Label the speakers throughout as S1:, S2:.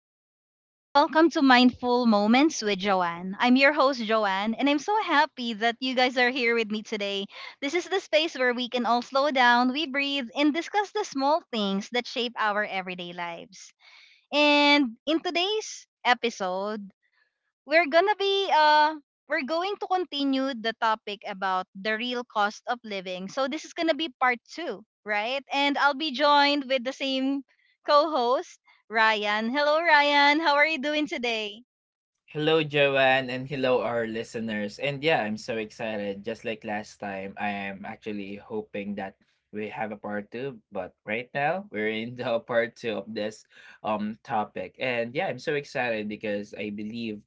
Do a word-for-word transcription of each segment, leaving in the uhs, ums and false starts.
S1: everyone, and welcome to Mindful Moments with Joanne. I'm your host, Joanne, and I'm so happy that you guys are here with me today. This is the space where we can all slow down, we breathe, and discuss the small things that shape our everyday lives. And in today's episode, we're gonna be uh we're going to continue the topic about the real cost of living. So this is gonna be part two, right? And I'll be joined with the same co-host, Ryan. Hello, Ryan. How are you doing today?
S2: Hello, Joanne, and hello, our listeners. And yeah, I'm so excited. Just like last time, I am actually hoping that we have a part two. But right now, we're in the part two of this um topic. And yeah, I'm so excited because I believe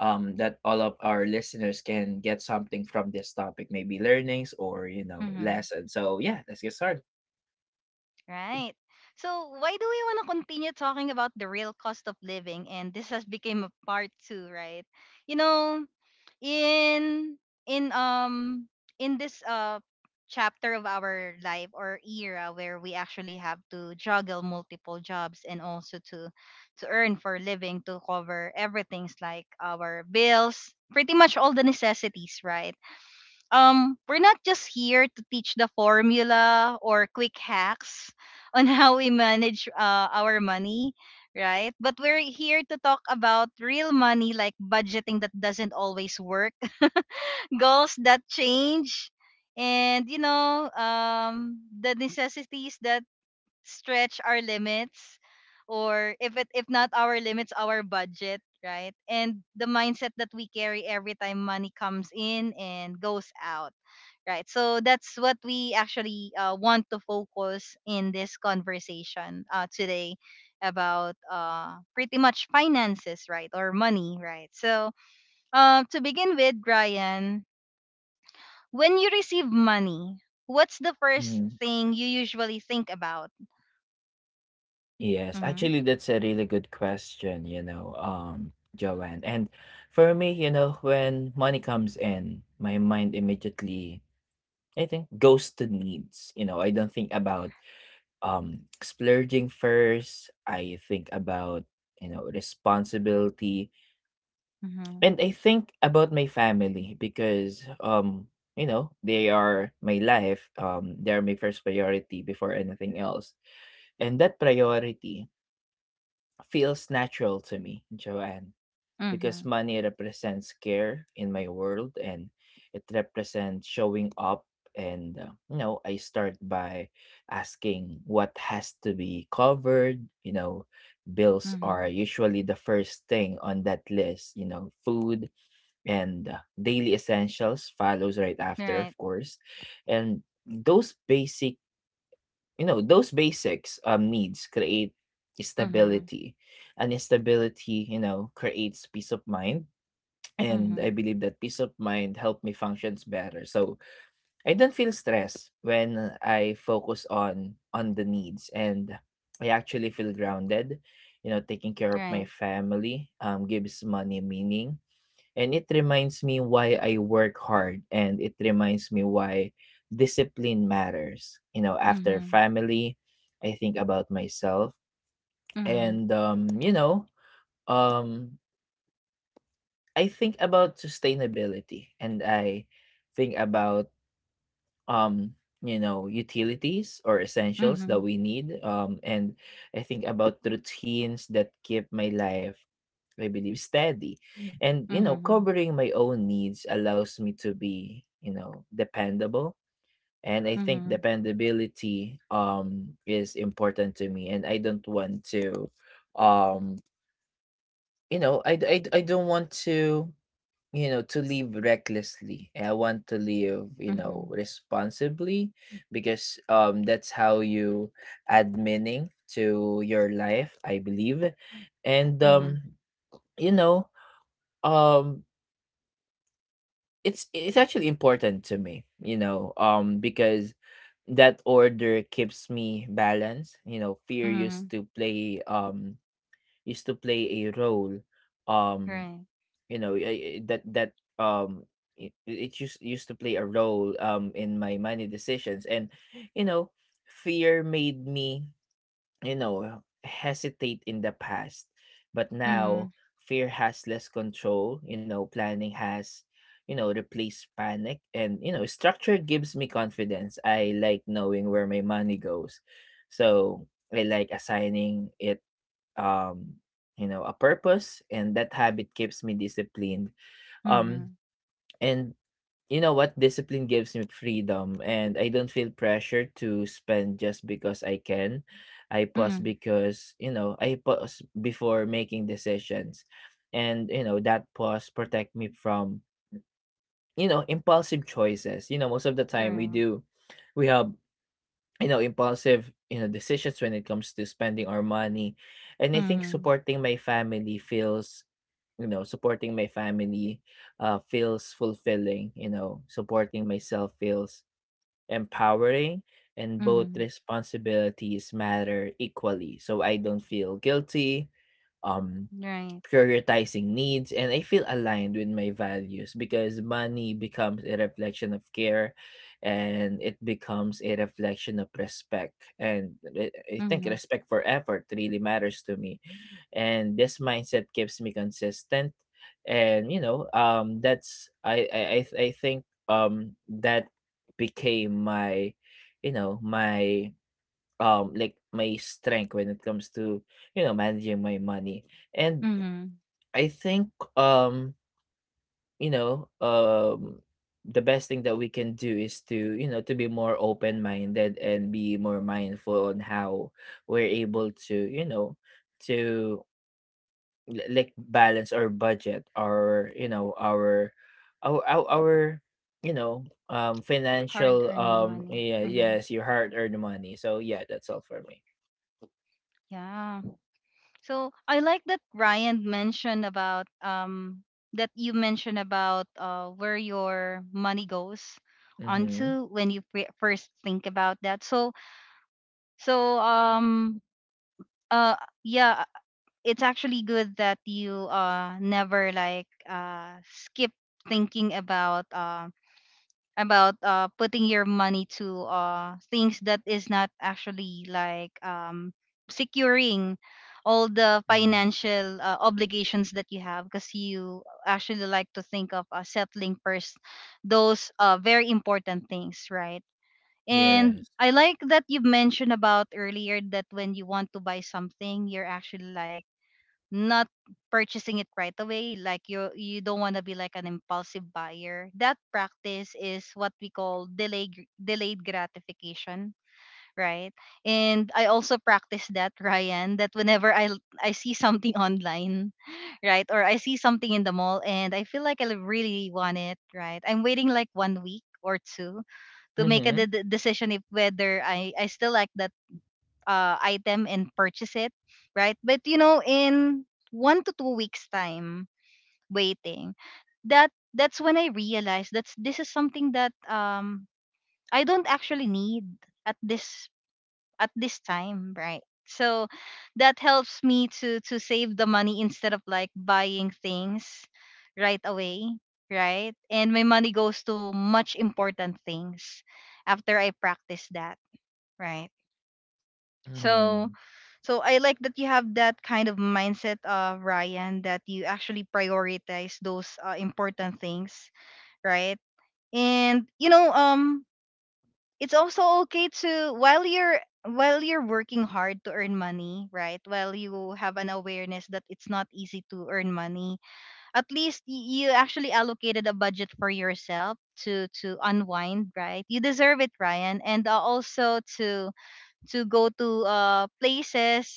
S2: um that all of our listeners can get something from this topic, maybe learnings or you know
S1: hmm
S2: lessons. So yeah, let's get started.
S1: Right. So why do we want to continue talking about the real cost of living? And this has become a part two, right? You know, in in um in this uh chapter of our life or era where we actually have to juggle multiple jobs and also to to earn for a living to cover everything's like our bills, pretty much all the necessities, right? Um we're not just here to teach the formula or quick hacks on how we manage uh, our money, right? But we're here to talk about real money, like budgeting that doesn't always work, goals that change, and you know, um the necessities that stretch our limits, or if it if not our limits, our budget, right? And the mindset that we carry every time money comes in and goes out, right? So that's what we actually uh, want to focus in this conversation uh, today, about uh, pretty much finances, right? Or money, right? So um, to begin with, Brian, when you receive money, what's the first
S2: Mm-hmm.
S1: thing you usually think about?
S2: Yes,
S1: Mm-hmm.
S2: actually, that's a really good question, you know, um, Joanne. And for me, you know, when money comes in, my mind immediately, I think, goes to needs. You know, I don't think about um splurging first. I think about, you know, responsibility.
S1: Mm-hmm.
S2: And I think about my family because um, you know, they are my life. Um, they are my first priority before anything else. And that priority feels natural to me, Joanne,
S1: Mm-hmm.
S2: because money represents care in my world and it represents showing up. And, uh, you know, I start by asking what has to be covered. You know, bills
S1: Mm-hmm.
S2: are usually the first thing on that list, you know, food and uh, daily essentials follows right after,
S1: Right.
S2: of course. And those basic you know those basics um needs create
S1: Mm-hmm.
S2: stability, and stability you know creates peace of mind. And I
S1: Mm-hmm.
S2: believe that peace of mind help me functions better, so I don't feel stress when I focus on on the needs, and I actually feel grounded. You know taking care of
S1: Right.
S2: my family um gives money meaning, and it reminds me why I work hard, and it reminds me why discipline matters. You know, after
S1: Mm-hmm.
S2: family, I think about myself,
S1: Mm-hmm.
S2: and um, you know, um I think about sustainability, and I think about um you know utilities or essentials that
S1: Mm-hmm.
S2: we need, um and I think about routines that keep my life, I believe, steady. And you know,
S1: Mm-hmm.
S2: covering my own needs allows me to be, you know, dependable. And I think
S1: Mm-hmm.
S2: dependability um is important to me. And I don't want to um you know, I I I I, d- I don't want to you know to live recklessly. I want to live, you know,
S1: Mm-hmm.
S2: responsibly, because um that's how you add meaning to your life, I believe. And
S1: Mm-hmm.
S2: um, you know, um it's it's actually important to me, you know um because that order keeps me balanced. You know fear
S1: Mm-hmm.
S2: used to play um used to play a role um
S1: Right.
S2: you know eh, eh, that that um it, it used, used to play a role um in my money decisions. And you know fear made me, you know, hesitate in the past, but now
S1: Mm-hmm.
S2: fear has less control. You know, planning has, you know, replaced panic, and you know, structure gives me confidence. I like knowing where my money goes. So I like assigning it, um, you know, a purpose, and that habit keeps me disciplined. Um
S1: Mm-hmm.
S2: and You know what? Discipline gives me freedom, and I don't feel pressure to spend just because I can. I pause
S1: Mm-hmm.
S2: because, you know, I pause before making decisions. And, you know, that pause protect me from, you know, impulsive choices. You know, most of the time we
S1: Correct.
S2: do, we have, you know, impulsive, you know, decisions when it comes to spending our money. And I think
S1: Mm-hmm.
S2: supporting my family feels you know, supporting my family uh, feels fulfilling. You know, supporting myself feels empowering, and both
S1: Mm-hmm.
S2: responsibilities matter equally. So I don't feel guilty. Um,
S1: Right.
S2: Prioritizing needs, and I feel aligned with my values, because money becomes a reflection of care, and it becomes a reflection of respect. And re- I think
S1: Mm-hmm.
S2: respect for effort really matters to me. And this mindset keeps me consistent. And you know, um that's I I I, th- I think um that became my you know my um like my strength when it comes to you know managing my money. And
S1: Mm-hmm.
S2: I think, um, you know, um the best thing that we can do is to, you know, to be more open-minded and be more mindful on how we're able to, you know, to l- like balance our budget, or, you know, our our our, our you know, um
S1: Hard
S2: financial
S1: earned
S2: um
S1: money.
S2: yeah,
S1: Mm-hmm.
S2: yes, your hard-earned money. So yeah, that's all for me.
S1: Yeah. So I like that Ryan mentioned about um that you mentioned about uh where your money goes
S2: Mhm.
S1: onto when you pre- first think about that. So so um uh yeah, it's actually good that you uh never like uh skip thinking about um about uh putting your money to uh things that is not actually like um securing all the
S2: Mm.
S1: financial uh, obligations that you have, because you actually like to think of uh, settling first those uh very important things, right? And
S2: Yes.
S1: I like that you've mentioned about earlier that when you want to buy something, you're actually like not purchasing it right away. Like you you don't want to be like an impulsive buyer. That practice is what we call delayed delayed gratification, right? And I also practice that, Ryan, that whenever i l- I see something online, right, or I see something in the mall and I feel like I really want it, right, I'm waiting like one week or two to make a de-
S2: Mhm.
S1: de- decision if whether i i still like that uh, item and purchase it, right? But you know, in one to two weeks time waiting, that that's when I realized that's this is something that um I don't actually need at this at this time, right? So that helps me to to save the money instead of like buying things right away, right? And my money goes to much important things after I practice that, right? So
S2: Mhm.
S1: so I like that you have that kind of mindset, uh, Ryan, that you actually prioritize those uh, important things, right? And you know, um, it's also okay to, while you're while you're working hard to earn money, right? While you have an awareness that it's not easy to earn money, at least y- you actually allocated a budget for yourself to to unwind, right? You deserve it, Ryan, and uh, also to to go to uh places,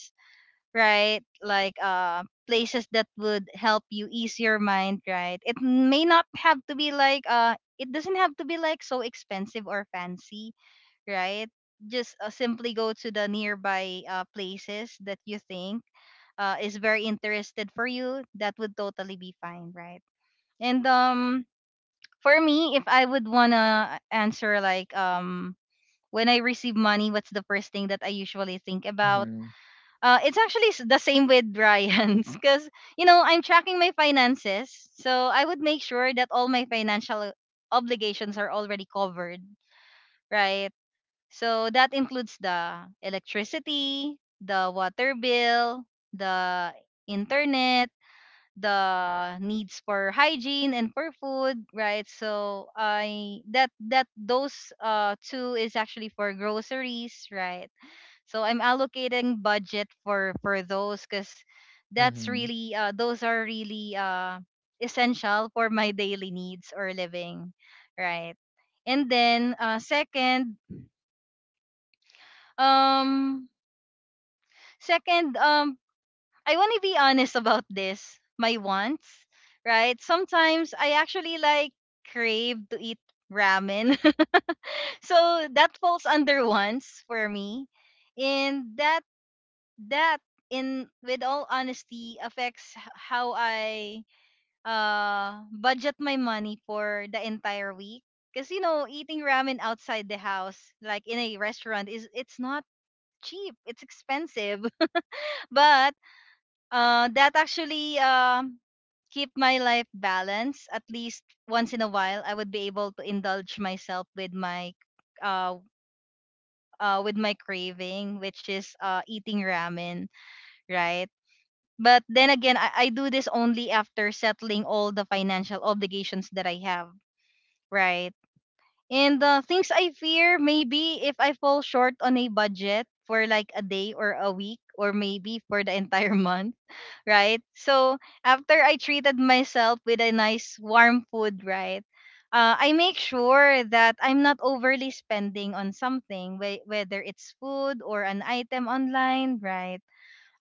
S1: right? Like uh, places that would help you ease your mind, right? It may not have to be like uh, it doesn't have to be like so expensive or fancy, right? Just uh, simply go to the nearby uh, places that you think uh, is very interested for you. That would totally be fine, right? And um, for me, if I would wanna answer like um, when I receive money, what's the first thing that I usually think about?
S2: Mhm.
S1: Uh, it's actually s- the same with Brian's, because, you know, I'm tracking my finances. So I would make sure that all my financial obligations are already covered, right? So that includes the electricity, the water bill, the internet, the needs for hygiene and for food, right? So I that that those uh two is actually for groceries, right? So I'm allocating budget for for those, because that's
S2: Mhm.
S1: really uh, those are really uh, essential for my daily needs or living, right? And then uh, second, um, second, um, I want to be honest about this. My wants, right? Sometimes I actually like crave to eat ramen, so that falls under wants for me, and that that in with all honesty affects h- how I uh budget my money for the entire week, because you know, eating ramen outside the house like in a restaurant is, it's not cheap, it's expensive. But uh that actually um keep my life balanced. At least once in a while I would be able to indulge myself with my uh uh with my craving, which is uh eating ramen, right? But then again, I, I do this only after settling all the financial obligations that I have, right? And uh, things I fear maybe if I fall short on a budget for like a day or a week, or maybe for the entire month, right? So after I treated myself with a nice warm food, right? Uh, I make sure that I'm not overly spending on something, whe- whether it's food or an item online, right?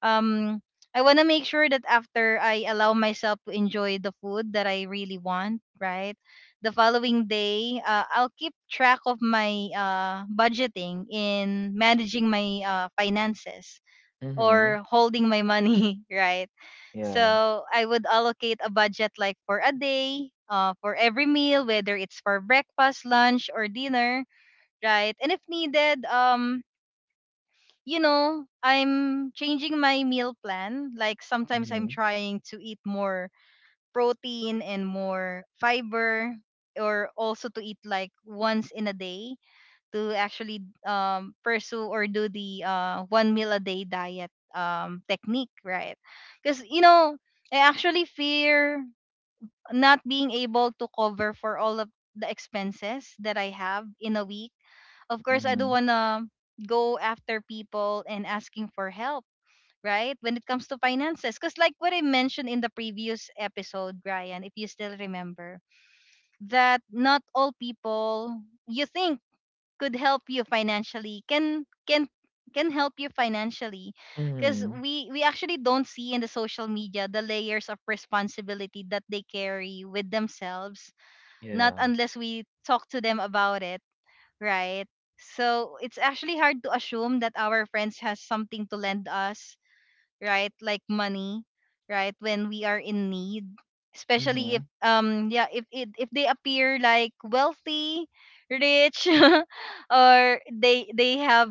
S1: um I want to make sure that after I allow myself to enjoy the food that I really want, right? The following day, uh, I'll keep track of my uh, budgeting in managing my uh, finances
S2: Mhm.
S1: or holding my money, right?
S2: Yeah.
S1: So I would allocate a budget like for a day, uh, for every meal, whether it's for breakfast, lunch, or dinner, right? And if needed, um, you know, I'm changing my meal plan. Like sometimes I'm
S2: Mhm.
S1: trying to eat more protein and more fiber, or also to eat like once in a day to actually um, pursue or do the uh, one meal a day diet um, technique, right? Because, you know, I actually fear not being able to cover for all of the expenses that I have in a week. Of course, I don't
S2: Mhm.
S1: wanna go after people and asking for help, right? When it comes to finances, because like what I mentioned in the previous episode, Brian, if you still remember, that not all people you think could help you financially can can can help you financially, because
S2: Mhm.
S1: we we actually don't see in the social media the layers of responsibility that they carry with themselves, not
S2: Yeah.
S1: unless we talk to them about it, right? So it's actually hard to assume that our friends has something to lend us, right? Like money, right? When we are in need, especially if
S2: Mhm.
S1: um yeah if if, if they appear like wealthy, rich, or they they have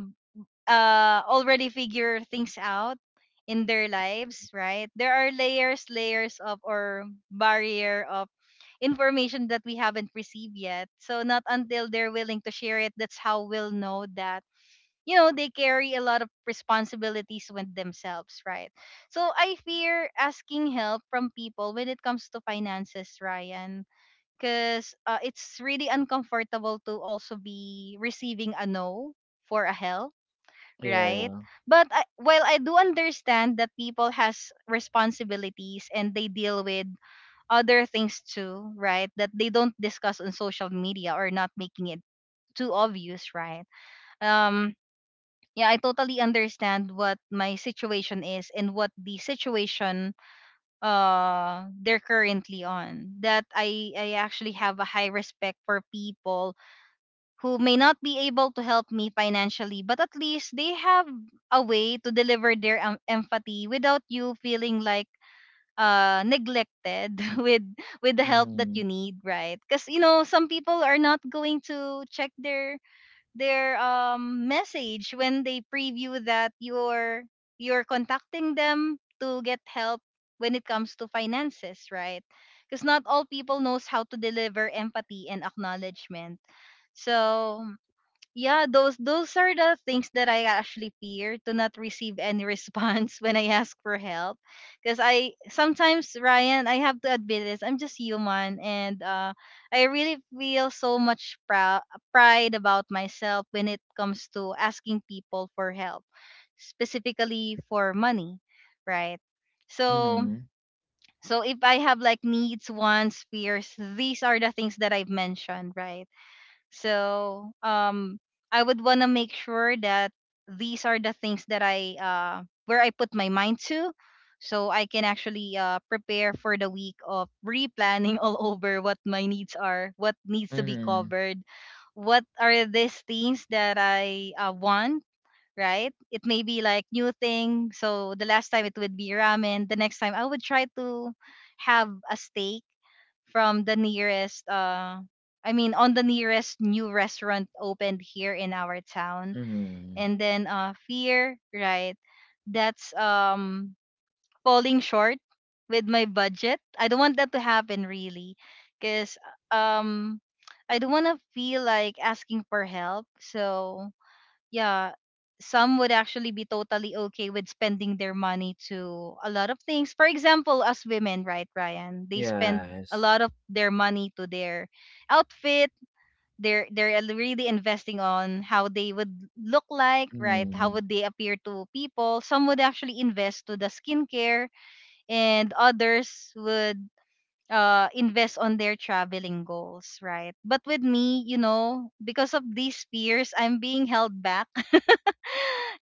S1: uh already figure things out in their lives, right? There are layers, layers of or barrier of information that we haven't received yet. So not until they're willing to share it, that's how we'll know that you know they carry a lot of responsibilities with themselves, right? So I fear asking help from people when it comes to finances, Ryan, because uh, it's really uncomfortable to also be receiving a no for a help, right?
S2: Yeah.
S1: But I, while I do understand that people has responsibilities and they deal with other things too, right? That they don't discuss on social media or not making it too obvious, right? Um, yeah, I totally understand what my situation is and what the situation uh they're currently on. That I I actually have a high respect for people who may not be able to help me financially, but at least they have a way to deliver their um, empathy without you feeling like uh neglected with with the help that you
S2: Mhm.
S1: need, right? Because you know, some people are not going to check their their um message when they preview that you're you're contacting them to get help when it comes to finances, right? Because not all people knows how to deliver empathy and acknowledgement. So yeah, those those are the things that I actually fear, to not receive any response when I ask for help. Because I sometimes, Ryan, I have to admit this, I'm just human. And uh I really feel so much prou- pride about myself when it comes to asking people for help, specifically for money, right? so
S2: Mhm.
S1: so if I have like needs, wants, fears, these are the things that I've mentioned, right? So um, I would want to make sure that these are the things that I, uh, where I put my mind to, so I can actually uh, prepare for the week of replanning all over what my needs are, what needs to be
S2: Mhm.
S1: covered, what are these things that I uh, want. Right, it may be like new thing. So the last time it would be ramen. The next time I would try to have a steak from the nearest uh I mean on the nearest new restaurant opened here in our town.
S2: Mhm.
S1: And then uh fear, right? That's um falling short with my budget. I don't want that to happen, really, cuz um I don't want to feel like asking for help. So yeah, some would actually be totally okay with spending their money to a lot of things. For example, as women, right, Ryan, they spend a
S2: Yes.
S1: lot of their money to their outfit. they're they're al- really investing on how they would look like, right, how
S2: Mhm.
S1: would they appear to people. Some would actually invest to the skincare, and others would uh invest on their traveling goals, right? But with me, you know, because of these fears, I'm being held back,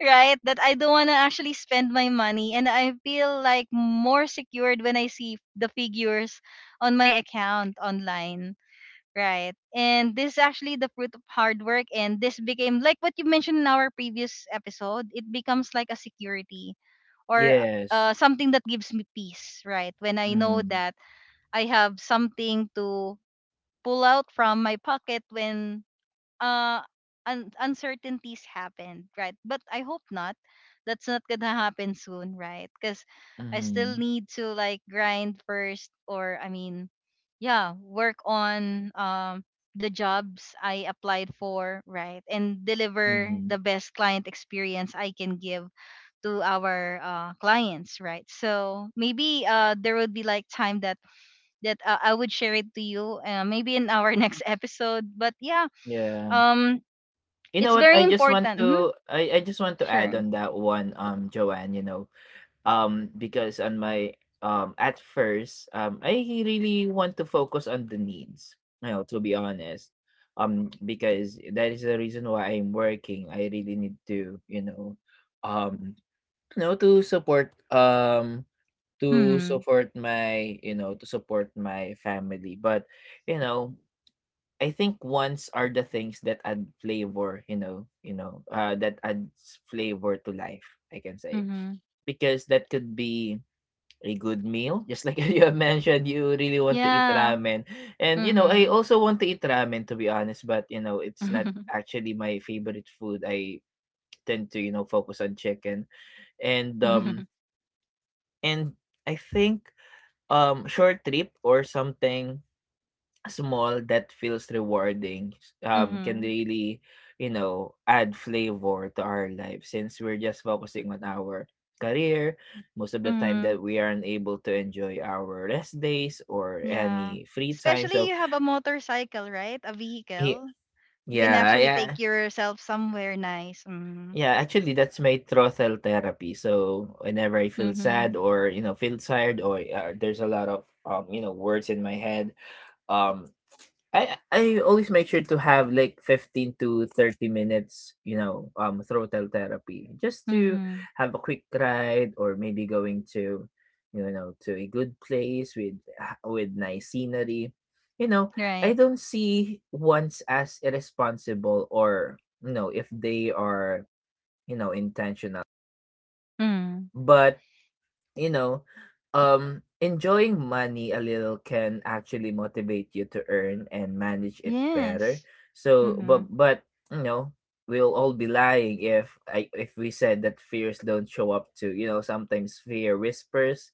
S1: right? That I don't want to actually spend my money. And I feel like more secured when I see the figures on my account online, right? And this is actually the fruit of hard work. And this became, like what you mentioned in our previous episode, it becomes like a security or
S2: Yes.
S1: uh, something that gives me peace, right? When I know
S2: Mhm.
S1: that I have something to pull out from my pocket when uh un- uncertainties happened, right? But I hope not. That's not gonna happen soon, right? Because I still
S2: Mhm.
S1: need to like grind first, or I mean, yeah, work on um the jobs I applied for, right, and deliver
S2: Mhm.
S1: the best client experience I can give to our uh, clients, right? So maybe uh there would be like time that that uh, I would share it to you, uh, maybe in our next episode. But yeah,
S2: Yeah.
S1: um
S2: You know
S1: it's
S2: what?
S1: very
S2: I just want
S1: important. hmm
S2: to I I just want to add
S1: Sure.
S2: on that one, um, Joanne, you know. Um, because on my um at first, um I really want to focus on the needs, you know, to be honest. Um, because that is the reason why I'm working. I really need to, you know, um, you know, to support um to
S1: Mm-hmm.
S2: support my, you know, to support my family. But, you know, I think wants are the things that add flavor, you know, you know, uh, that adds flavor to life, I can say.
S1: Mm-hmm.
S2: Because that could be a good meal. Just like you have mentioned, you really want to eat
S1: Yeah.
S2: ramen. And, you know, I
S1: Mm-hmm.
S2: also want to eat ramen, to be honest, but, you know, it's not actually my favorite food. I tend to, you know, focus on chicken. And, um, and I think, um, short trip or something small that feels rewarding um can
S1: Mm-hmm.
S2: really you know add flavor to our life, since we're just focusing on our career most of the time
S1: Mm-hmm.
S2: that we aren't able to enjoy our rest days or
S1: Yeah.
S2: any free time.
S1: Especially
S2: So
S1: you have a motorcycle, right? A
S2: he,
S1: vehicle. You can
S2: yeah,
S1: actually
S2: yeah,
S1: take yourself somewhere nice. Mm-hmm.
S2: yeah, actually that's my throttle therapy. So whenever I feel
S1: Mm-hmm.
S2: sad, or you know feel tired, or uh, there's a lot of um you know words in my head, um I I always make sure to have like fifteen to thirty minutes, you know, um throttle therapy, just to
S1: Mm-hmm.
S2: have a quick ride, or maybe going to you know to a good place with ah, with nice scenery. You know,
S1: Right.
S2: I don't see ones as irresponsible, or you know if they are, you know, intentional.
S1: Mm.
S2: But you know, um, Enjoying money a little can actually motivate you to earn and manage it better.
S1: Yes.
S2: So, but
S1: Mm-hmm.
S2: but you know, we'll all be lying if I if we said that fears don't show up to. You know sometimes fear whispers,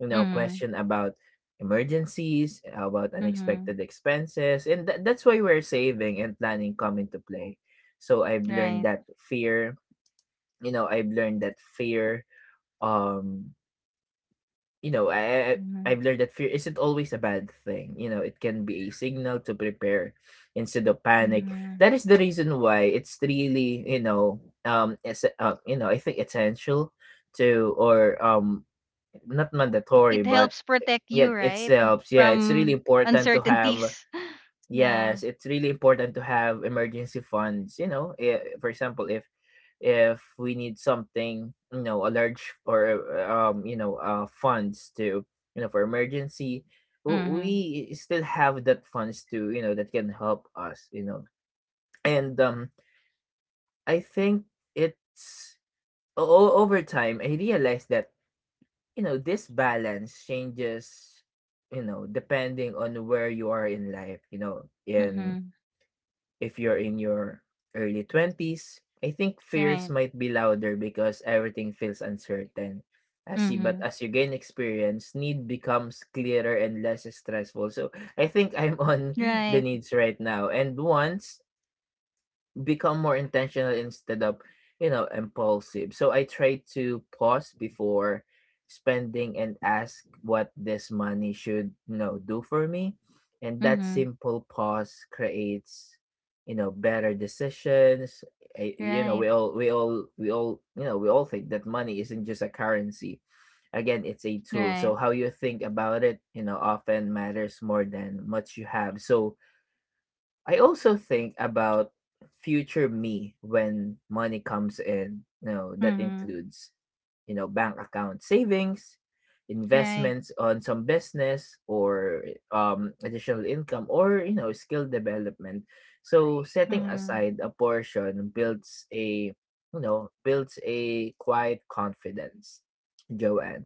S2: you know,
S1: Mm-hmm.
S2: question about emergencies, about
S1: Mm-hmm.
S2: unexpected expenses, and tha- that's why we're saving and planning come into play. So I've learned
S1: Right.
S2: that fear, you know, I've learned that fear. Um, you know, I, I
S1: Mm-hmm.
S2: I've learned that fear isn't always a bad thing. You know, it can be a signal to prepare instead of panic.
S1: Mm-hmm.
S2: That is the reason why it's really, you know, um, it's, uh, you know, I think essential to or um, not
S1: It
S2: mandatory, but
S1: helps protect you,
S2: yet it
S1: right?
S2: helps. Yeah, it's really
S1: From
S2: important to have
S1: uncertainties. Yeah.
S2: Yes, it's really important to have emergency funds. You know, eh, for example, if if we need something, you know, a large or uh, um, you know, uh, funds to you know for emergency. W- we
S1: Mm-hmm.
S2: still have that funds to you know that can help us. You know, and um, I think it's o- o- over time I realized that you know this balance changes. You know, depending on where you are in life. You know, in
S1: Mhm.
S2: If you're in your early twenties, I think fears
S1: Right.
S2: might be louder because everything feels uncertain. As you, but
S1: Mhm.
S2: as you gain experience, need becomes clearer and less stressful. So I think I'm on the
S1: Right.
S2: needs right now. And once become more intentional instead of you know impulsive. So I try to pause before spending, and ask what this money should you know do for me. And that
S1: Mhm.
S2: simple pause creates you know better decisions. I, you know
S1: Right.
S2: we all we all we all you know we all think that money isn't just a currency, again it's a tool.
S1: Right.
S2: So how you think about it you know often matters more than much you have. So I also think about future me when money comes in. You know, that
S1: Mhm.
S2: includes, you know, bank account savings,
S1: Right.
S2: investments on some business, or um additional income, or, you know, skill development. So setting
S1: Mhm.
S2: aside a portion builds a, you know, builds a quiet confidence, Joanne.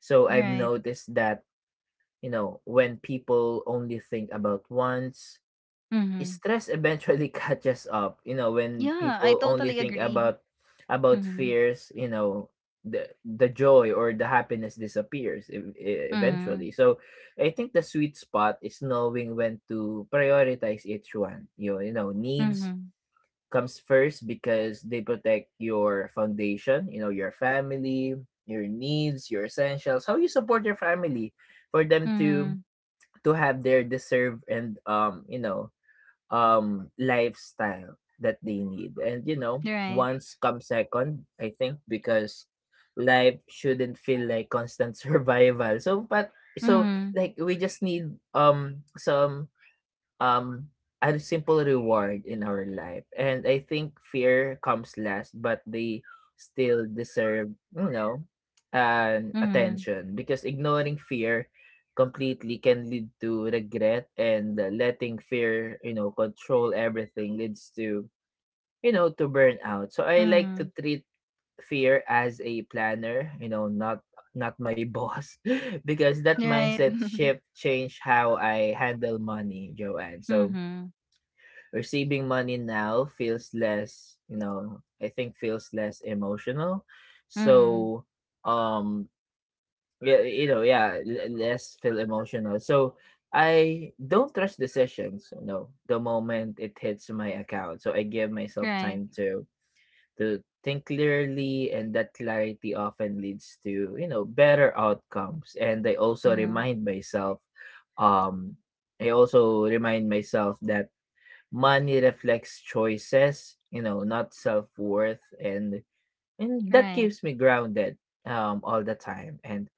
S2: So I've
S1: Right.
S2: noticed that, you know, when people only think about wants,
S1: Mhm.
S2: stress eventually catches up. You know when
S1: Yeah, I
S2: people only
S1: totally
S2: think
S1: agree.
S2: about about
S1: Mhm.
S2: fears, you know the the joy or the happiness disappears, ev- e-
S1: Mhm.
S2: eventually. So I think the sweet spot is knowing when to prioritize each one you you know needs
S1: Mhm.
S2: comes first because they protect your foundation. You know your family, your needs, your essentials, how you support your family, for them to
S1: Mhm.
S2: to have their deserve and um you know, um lifestyle that they need. And you know
S1: Right.
S2: once come second, I think, because life shouldn't feel like constant survival. So but so
S1: Mhm.
S2: like we just need um some um a simple reward in our life. And I think fear comes last, but they still deserve, you know um
S1: Mhm.
S2: attention, because ignoring fear completely can lead to regret. And uh, letting fear you know control everything leads to you know to burnout. So I like to
S1: Mhm.
S2: treat fear as a planner, you know not not my boss, because that
S1: Right.
S2: mindset shift changed how I handle money, Joanne. So
S1: Mhm.
S2: receiving money now feels less, you know, I think feels less emotional.
S1: Mhm.
S2: So, um, yeah, you know, yeah, l- less feel emotional. So, I don't trust decisions, you know, the moment it hits my account. So I give myself
S1: Right.
S2: time to to think clearly, and that clarity often leads to, you know, better outcomes. And I also
S1: Mhm.
S2: remind myself um I also remind myself that money reflects choices, you know, not self-worth, and and that
S1: Right.
S2: keeps me grounded um all the time. And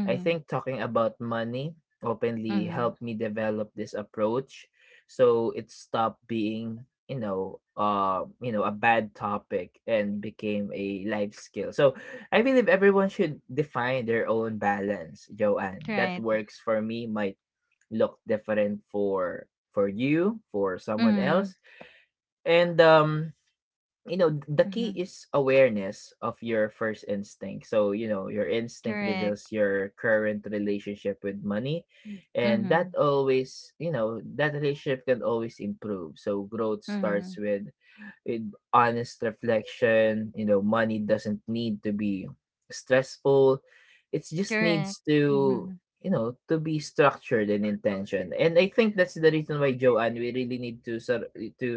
S2: I think talking about money openly
S1: Mhm.
S2: helped me develop this approach, so it stopped being, you know, uh, you know, a bad topic and became a life skill. So I believe everyone should define their own balance, Joanne. That
S1: Right.
S2: works for me might look different for for you, for someone
S1: Mhm.
S2: else, and um, you know, the key
S1: Mhm.
S2: is awareness of your first instinct. So, you know, your instinct
S1: Correct.
S2: reveals your current relationship with money. And that
S1: Mhm.
S2: always, you know, that relationship can always improve. So growth starts
S1: Mhm.
S2: with with honest reflection. You know, money doesn't need to be stressful. It just
S1: Correct.
S2: needs to,
S1: Mhm.
S2: you know, to be structured and intention. And I think that's the reason why, Joanne, we really need to sur- to,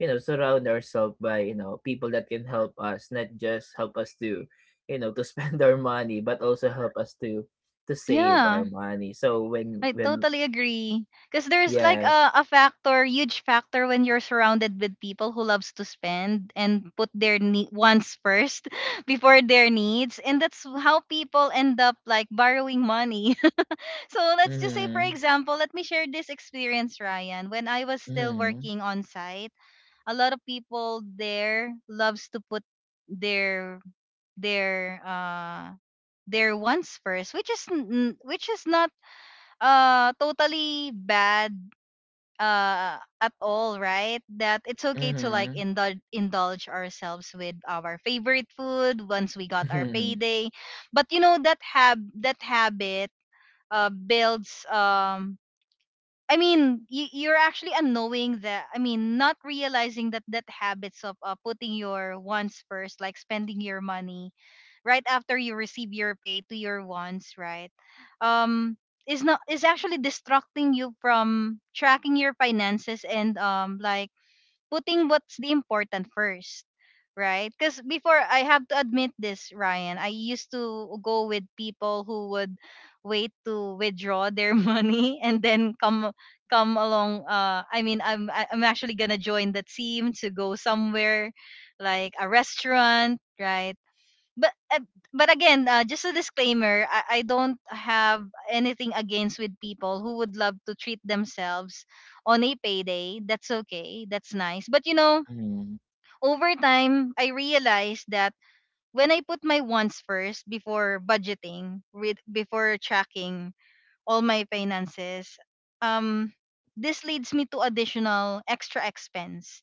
S2: you know, surround ourselves by, you know, people that can help us, not just help us to, you know, to spend our money, but also help us to to save
S1: Yeah,
S2: our money. So when
S1: I
S2: when
S1: totally agree. Because there's like
S2: yes.
S1: a, a factor, huge factor when you're surrounded with people who loves to spend and put their ne- wants first before their needs. And that's how people end up like borrowing money. So let's just say, for
S2: Mm-hmm.
S1: example, let me share this experience, Ryan. When I was still
S2: Mm-hmm.
S1: working on site, a lot of people there loves to put their their uh their wants first, which is n- n- which is not uh totally bad uh at all, right? That it's okay to like
S2: Mm-hmm.
S1: indulge indulge ourselves with our favorite food once we got our payday. But you know, that hab that habit uh builds um I mean, you, you're actually unknowing that. I mean, not realizing that that habits of uh, putting your wants first, like spending your money right after you receive your pay to your wants, right? Um, is not is actually distracting you from tracking your finances, and um like putting what's the important first, right? Because before, I have to admit this, Ryan, I used to go with people who would wait to withdraw their money and then come come along. Uh, I mean, I'm I- I'm actually gonna join the team to go somewhere like a restaurant, right? but uh, but again, uh, just a disclaimer. I, I don't have anything against with people who would love to treat themselves on a payday. That's okay. That's nice. But you know,
S2: Mm-hmm.
S1: over time, I realized that when I put my wants first before budgeting, with before tracking all my finances, um, this leads me to additional extra expense.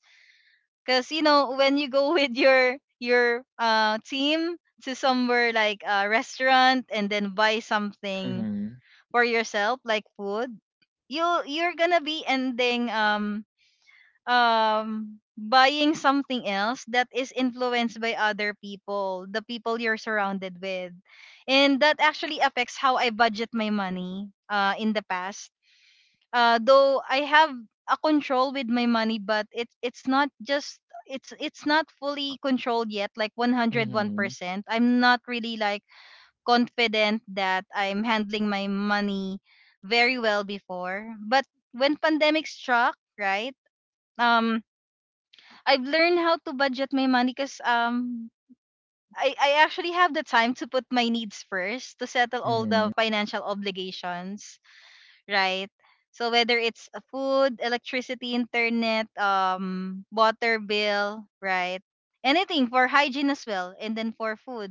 S1: Cause you know, when you go with your your uh team to somewhere like a restaurant and then buy something
S2: Mhm,
S1: for yourself like food, you, you're gonna be ending um um buying something else that is influenced by other people, the people you're surrounded with. And that actually affects how I budget my money uh in the past. Uh, though I have a control with my money, but it's it's not just it's it's not fully controlled yet, like
S2: mhm,
S1: one hundred one percent. I'm not really like confident that I'm handling my money very well before. But when pandemic struck, right? Um, I've learned how to budget my money because um. I, I actually have the time to put my needs first to settle all
S2: mhm,
S1: the financial obligations, right? So whether it's uh, food, electricity, internet, um, water bill, right? Anything for hygiene as well, and then for food,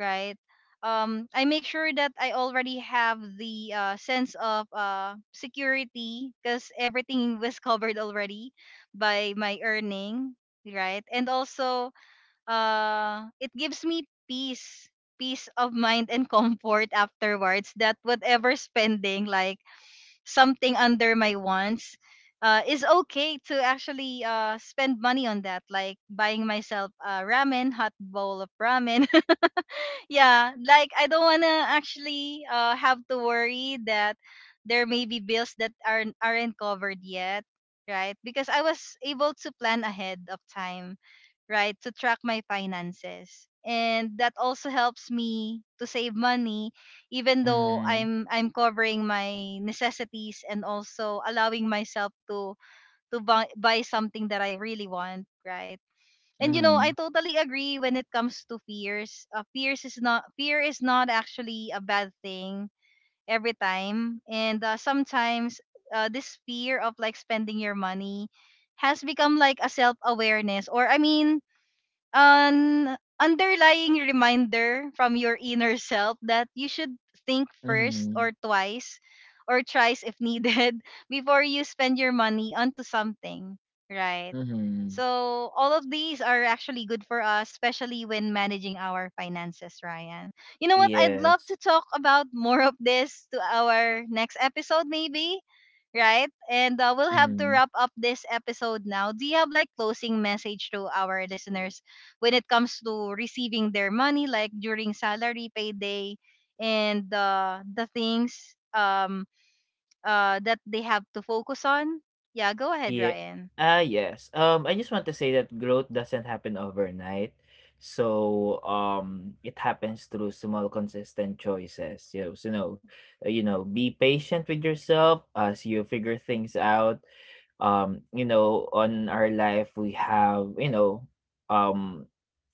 S1: right? Um, I make sure that I already have the uh, sense of uh, security because everything was covered already by my earning, right? And also, uh, it gives me peace, peace of mind and comfort afterwards. That whatever spending, like something under my wants, uh, it's okay to actually uh, spend money on that, like buying myself a ramen, hot bowl of ramen. Yeah, like I don't wanna actually, uh, have to worry that there may be bills that aren't aren't covered yet, right? Because I was able to plan ahead of time, right, to track my finances. And that also helps me to save money, even though
S2: mhm,
S1: I'm I'm covering my necessities and also allowing myself to to buy, buy something that I really want, right? And you know, I
S2: mhm,
S1: totally agree when it comes to fears. Uh, fears is not Fear is not actually a bad thing every time. And uh, sometimes uh, this fear of like spending your money has become like a self awareness, or I mean an underlying reminder from your inner self that you should think first
S2: mhm,
S1: or twice or thrice if needed before you spend your money onto something, right?
S2: mhm.
S1: So all of these are actually good for us, especially when managing our finances, Ryan. You know what? I'd love to
S2: Yes.
S1: talk about more of this to our next episode, maybe, right? And uh, we'll have to
S2: Mhm.
S1: wrap up this episode now. Do you have like closing message to our listeners when it comes to receiving their money, like during salary, payday, and uh, the things um, uh, that they have to focus on. Yeah, go ahead,
S2: Yeah.
S1: Ryan.
S2: Ah, yes. Um, I just want to say that growth doesn't happen overnight. So, um, it happens through small, consistent choices. You know, so, you know, you know, be patient with yourself as you figure things out. Um you know on our life we have you know um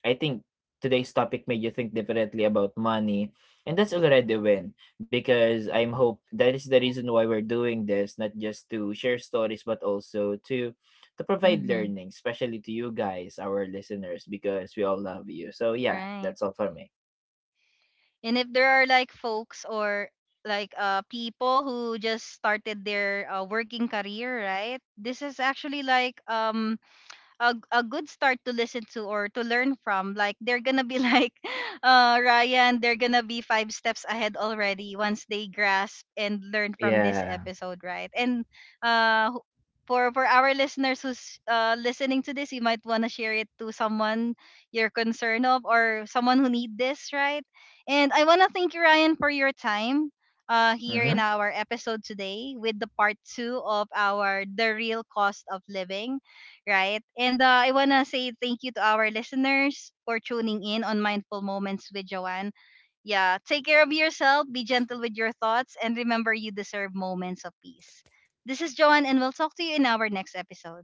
S2: I think today's topic made you think differently about money, and that's already a win, because I'm hope that is the reason why we're doing this, not just to share stories but also to to provide
S1: Mm-hmm.
S2: learning, especially to you guys, our listeners, because we all love you. So yeah,
S1: Right.
S2: that's all for me.
S1: And if there are like folks or like uh, people who just started their uh, working career, right? This is actually like um a a good start to listen to or to learn from. Like they're gonna be like uh Ryan, they're gonna be five steps ahead already once they grasp and learn from this
S2: Yeah.
S1: episode, right? And uh who- for for our listeners who's uh listening to this, you might want to share it to someone you're concerned of, or someone who need this, right? And I want to thank you, Ryan, for your time uh, here in
S2: Hmm.
S1: our episode today with the part two of our the real cost of living, right? And uh, I want to say thank you to our listeners for tuning in on Mindful Moments with Joanne. Yeah, take care of yourself, be gentle with your thoughts, and remember you deserve moments of peace. This is Joanne, and we'll talk to you in our next episode.